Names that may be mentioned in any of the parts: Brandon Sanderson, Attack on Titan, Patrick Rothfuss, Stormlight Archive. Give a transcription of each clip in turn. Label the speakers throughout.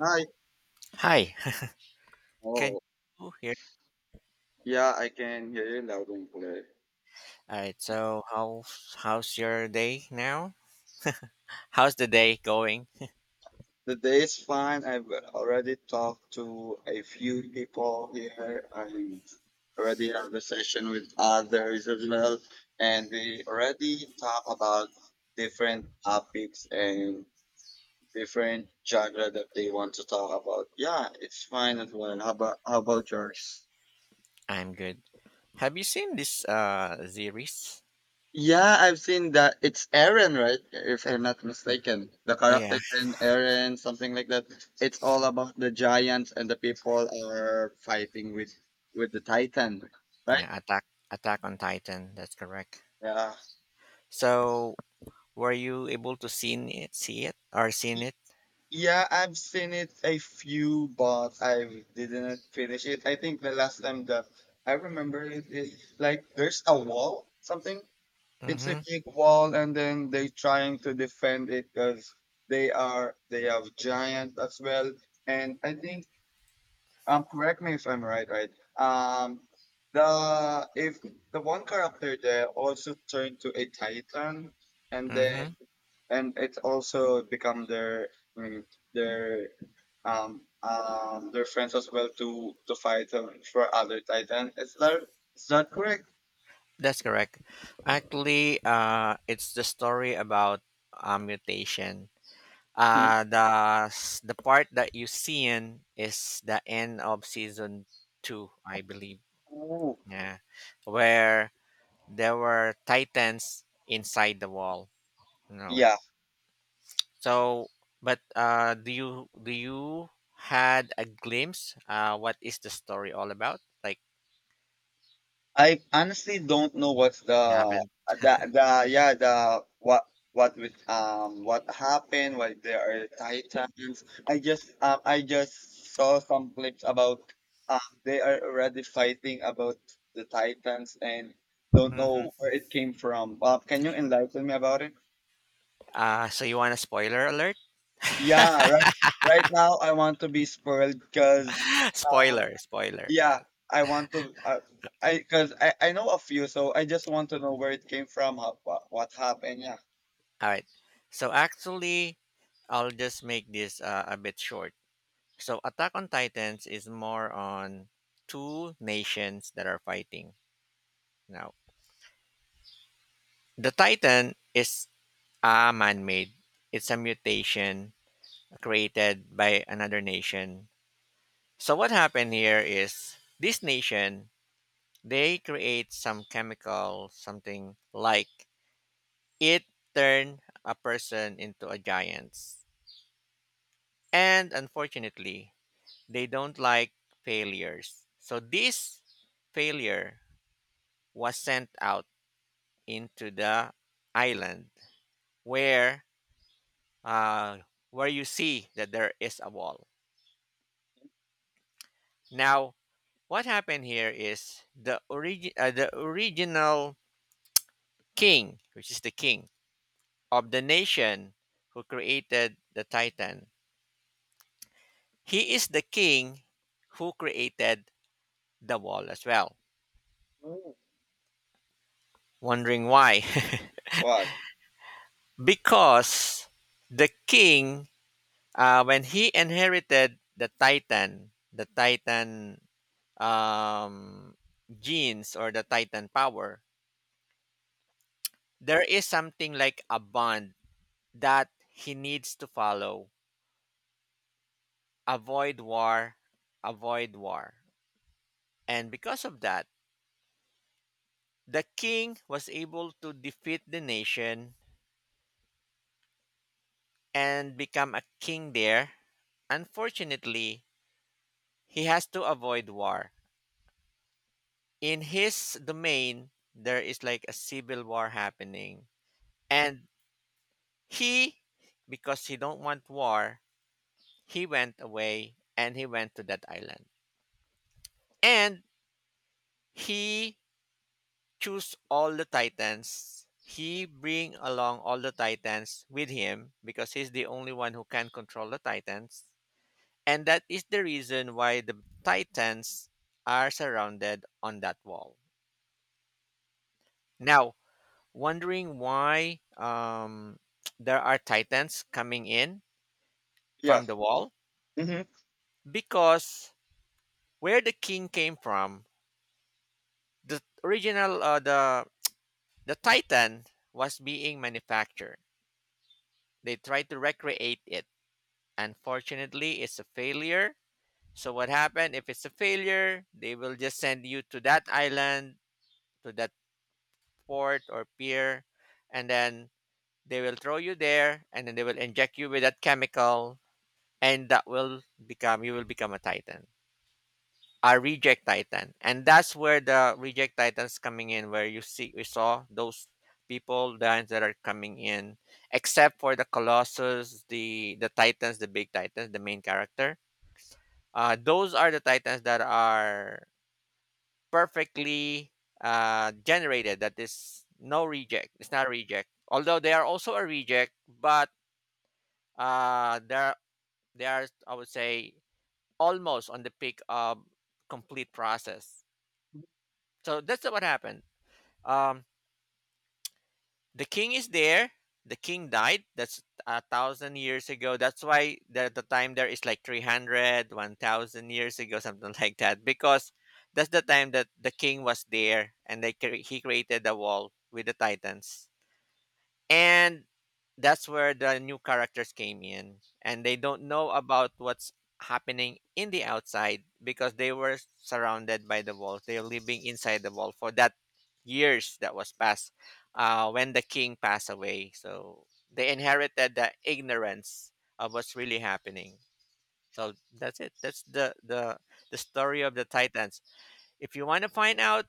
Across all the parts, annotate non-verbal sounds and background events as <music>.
Speaker 1: Hi.
Speaker 2: Hi, can
Speaker 1: Oh,
Speaker 2: you hear?
Speaker 1: yeah, I can hear you loud and clear.
Speaker 2: All right, so how's your day now? How's the day going?
Speaker 1: The day is fine. I've already talked to a few people here. I already have a session with others as well, and we already talk about different topics and different genre that they want to talk about. Yeah, it's fine as well. How about yours?
Speaker 2: I'm good. Have you seen this series?
Speaker 1: Yeah, I've seen that. It's Aaron, right? If I'm not mistaken. The
Speaker 2: Oh yeah,
Speaker 1: character in Aaron, something like that. It's all about the giants and the people are fighting with the Titan, right?
Speaker 2: yeah, Attack on Titan. That's correct.
Speaker 1: Yeah.
Speaker 2: So were you able to seen it, see it, or seen
Speaker 1: Y-
Speaker 2: it?
Speaker 1: Yeah, I've seen it a few, but I didn't finish it. I think the last time that I remember it is like there's a wall, something. It's a
Speaker 2: Mm-hmm.
Speaker 1: big wall, and then they trying to defend it because they have giant as well. And I think, correct me if I'm right, right? Um, the if the one character there also turned to a titan, and then
Speaker 2: Mm-hmm.
Speaker 1: and it also become their mm, their their friends as well to fight for other titan. Is that correct?
Speaker 2: That's correct. Actually, it's the story about a mutation.
Speaker 1: Mhm.
Speaker 2: The the part that you see in is the end of season two, I believe.
Speaker 1: Ooh.
Speaker 2: Yeah, where there were titans inside the wall, you know.
Speaker 1: Yeah.
Speaker 2: So, but do you had a glimpse? What is the story all about? Like
Speaker 1: I honestly don't know what's the
Speaker 2: you haven't.
Speaker 1: the yeah the what happened, why there are titans. I just saw some clips about they are already fighting about the titans and don't
Speaker 2: Mm.
Speaker 1: know where it came from. Can you enlighten me about it?
Speaker 2: So you want a spoiler alert?
Speaker 1: Yeah, right. Right now I want to be spoiled because,
Speaker 2: <laughs> Spoiler, spoiler. Yeah.
Speaker 1: yeah, I want to. I, because I know a few, so I just want to know where it came from, how, what happened. Yeah.
Speaker 2: All right. So actually, I'll just make this a bit short. So Attack on Titans is more on two nations that are fighting. Now, the Titan is a man-made. It's a mutation created by another nation. So what happened here is this nation, they create some chemical, something like it turn a person into a giant. And unfortunately, they don't like failures. So this failure was sent out into the island where uh, where you see that there is a wall. Now, what happened here is the the original king, which is the king of the nation who created the Titan. He is the king who created the wall as well.
Speaker 1: Mm.
Speaker 2: Wondering why?
Speaker 1: Why?
Speaker 2: <laughs> Because the king, when he inherited the Titan um, genes or the Titan power, there is something like a bond that he needs to follow. Avoid war, avoid war. And because of that, the king was able to defeat the nation and become a king there. Unfortunately, he has to avoid war. In his domain, there is like a civil war happening. And he, because he don't want war, he went away and he went to that island and he chose all the titans, he bring along all the titans with him because he's the only one who can control the titans, and that is the reason why the titans are surrounded on that wall now. Wondering why? <tsk> There are titans coming in
Speaker 1: Yeah.
Speaker 2: from the wall
Speaker 1: Hmm.
Speaker 2: because where the king came from, the original, the Titan was being manufactured. They tried to recreate it. Unfortunately, it's a failure. So what happened if it's a failure? They will just send you to that island, to that port or pier, and then they will throw you there and then they will inject you with that chemical, and that will become, you will become a titan. I reject Titan, and that's where the reject Titans coming in, where you see, we saw those people giants that are coming in, except for the Colossus, the Titans, the big Titans, the main character. Those are the Titans that are perfectly generated. That is no reject. It's not a reject. Although they are also a reject, but uh, they're they are, I would say, almost on the peak of complete process. So that's what happened. um the king is there, the king died. That's 1,000 years ago. That's why the time there is like 300, 1,000 years ago, something <laughs> like that, because that's the time that the king was there, and they he created the wall with the titans. And that's where the new characters came in. And they don't know about what's happening in the outside because they were surrounded by the walls. They're living inside the wall for that years that was passed when the king passed away. So they inherited the ignorance of what's really happening. So that's it. That's the story of the Titans. If you want to find out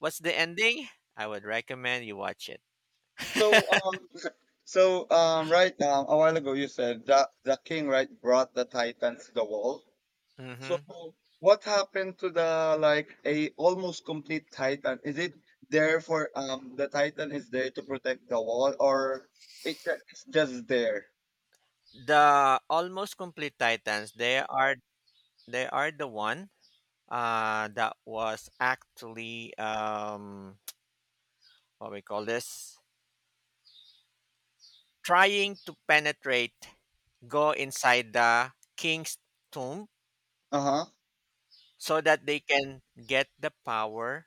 Speaker 2: what's the ending, I would recommend you watch it.
Speaker 1: So um, <laughs> so right now, a while ago you said that the king, right, brought the titans to the wall. So
Speaker 2: Hmm.
Speaker 1: what happened to the like a almost complete titan? Is it there for the titan is there to protect the wall, or it it's just there?
Speaker 2: The almost complete Titans, they are, they are the one that was actually <tsk> what we call this, trying to penetrate, go inside the king's tomb
Speaker 1: Uh huh.
Speaker 2: so that they can get the power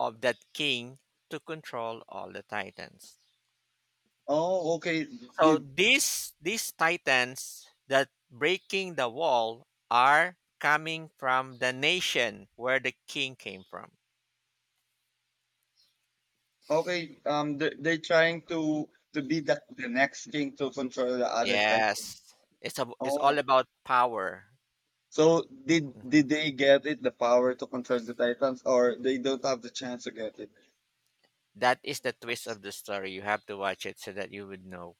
Speaker 2: of that king to control all the titans.
Speaker 1: Oh, okay.
Speaker 2: So
Speaker 1: Did
Speaker 2: these titans that breaking the wall are coming from the nation where the king came from.
Speaker 1: okay, they're trying to be the next king to control the other titans.
Speaker 2: Yes, it's all
Speaker 1: Oh,
Speaker 2: about power.
Speaker 1: so did
Speaker 2: Mhm.
Speaker 1: did they get it, the power to control the titans, or they don't have the chance to get it?
Speaker 2: That is the twist of the story. You have to watch it so that you would know.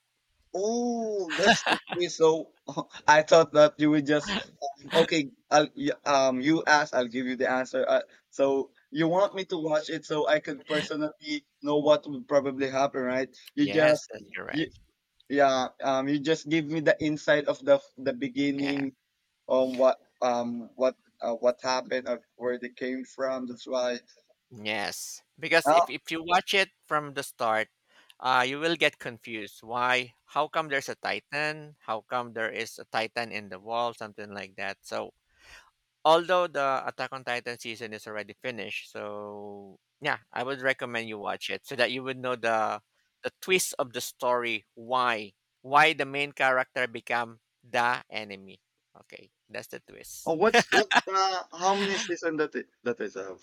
Speaker 1: Oh, that's the twist. So <laughs> I thought that you would just okay. I'll you ask, I'll give you the answer. So you want me to watch it so I could personally know what would probably happen, right? You
Speaker 2: Yes,
Speaker 1: just
Speaker 2: that's
Speaker 1: you,
Speaker 2: correct.
Speaker 1: yeah, you just give me the insight of the
Speaker 2: Yeah.
Speaker 1: beginning on what what, what happened, of where they came from. That's why.
Speaker 2: Yes, because if
Speaker 1: Uh,
Speaker 2: if you watch it from the start, you will get confused. Why? How come there's a titan? How come there is a titan in the wall? Something like that. So although the Attack on Titan season is already finished, so yeah, I would recommend you watch it so that you would know the twist of the story, why the main character become the enemy. Okay, that's the
Speaker 1: oh,
Speaker 2: twist.
Speaker 1: what's the, how many season that it, that is have?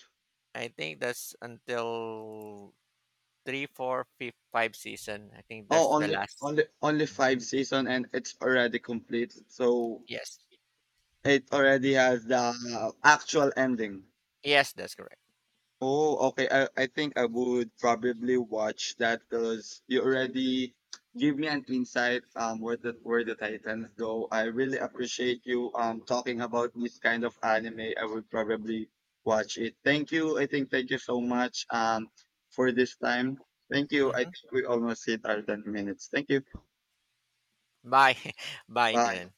Speaker 2: I think that's until three, four, five season. I think that's
Speaker 1: Oh,
Speaker 2: the
Speaker 1: only
Speaker 2: last.
Speaker 1: only only five season and it's already complete. So
Speaker 2: Yes,
Speaker 1: it already has the actual ending.
Speaker 2: yes, that's correct.
Speaker 1: Oh, okay. I think I would probably watch that because you already give me an insight where the, where the Titans go. I really appreciate you talking about this kind of anime. I would probably watch it. Thank you. I think thank you so much for this time. Thank you. I
Speaker 2: Hmm.
Speaker 1: think we almost hit our 10 minutes. Thank you.
Speaker 2: Bye, <laughs> bye,
Speaker 1: Bye.
Speaker 2: Dylan.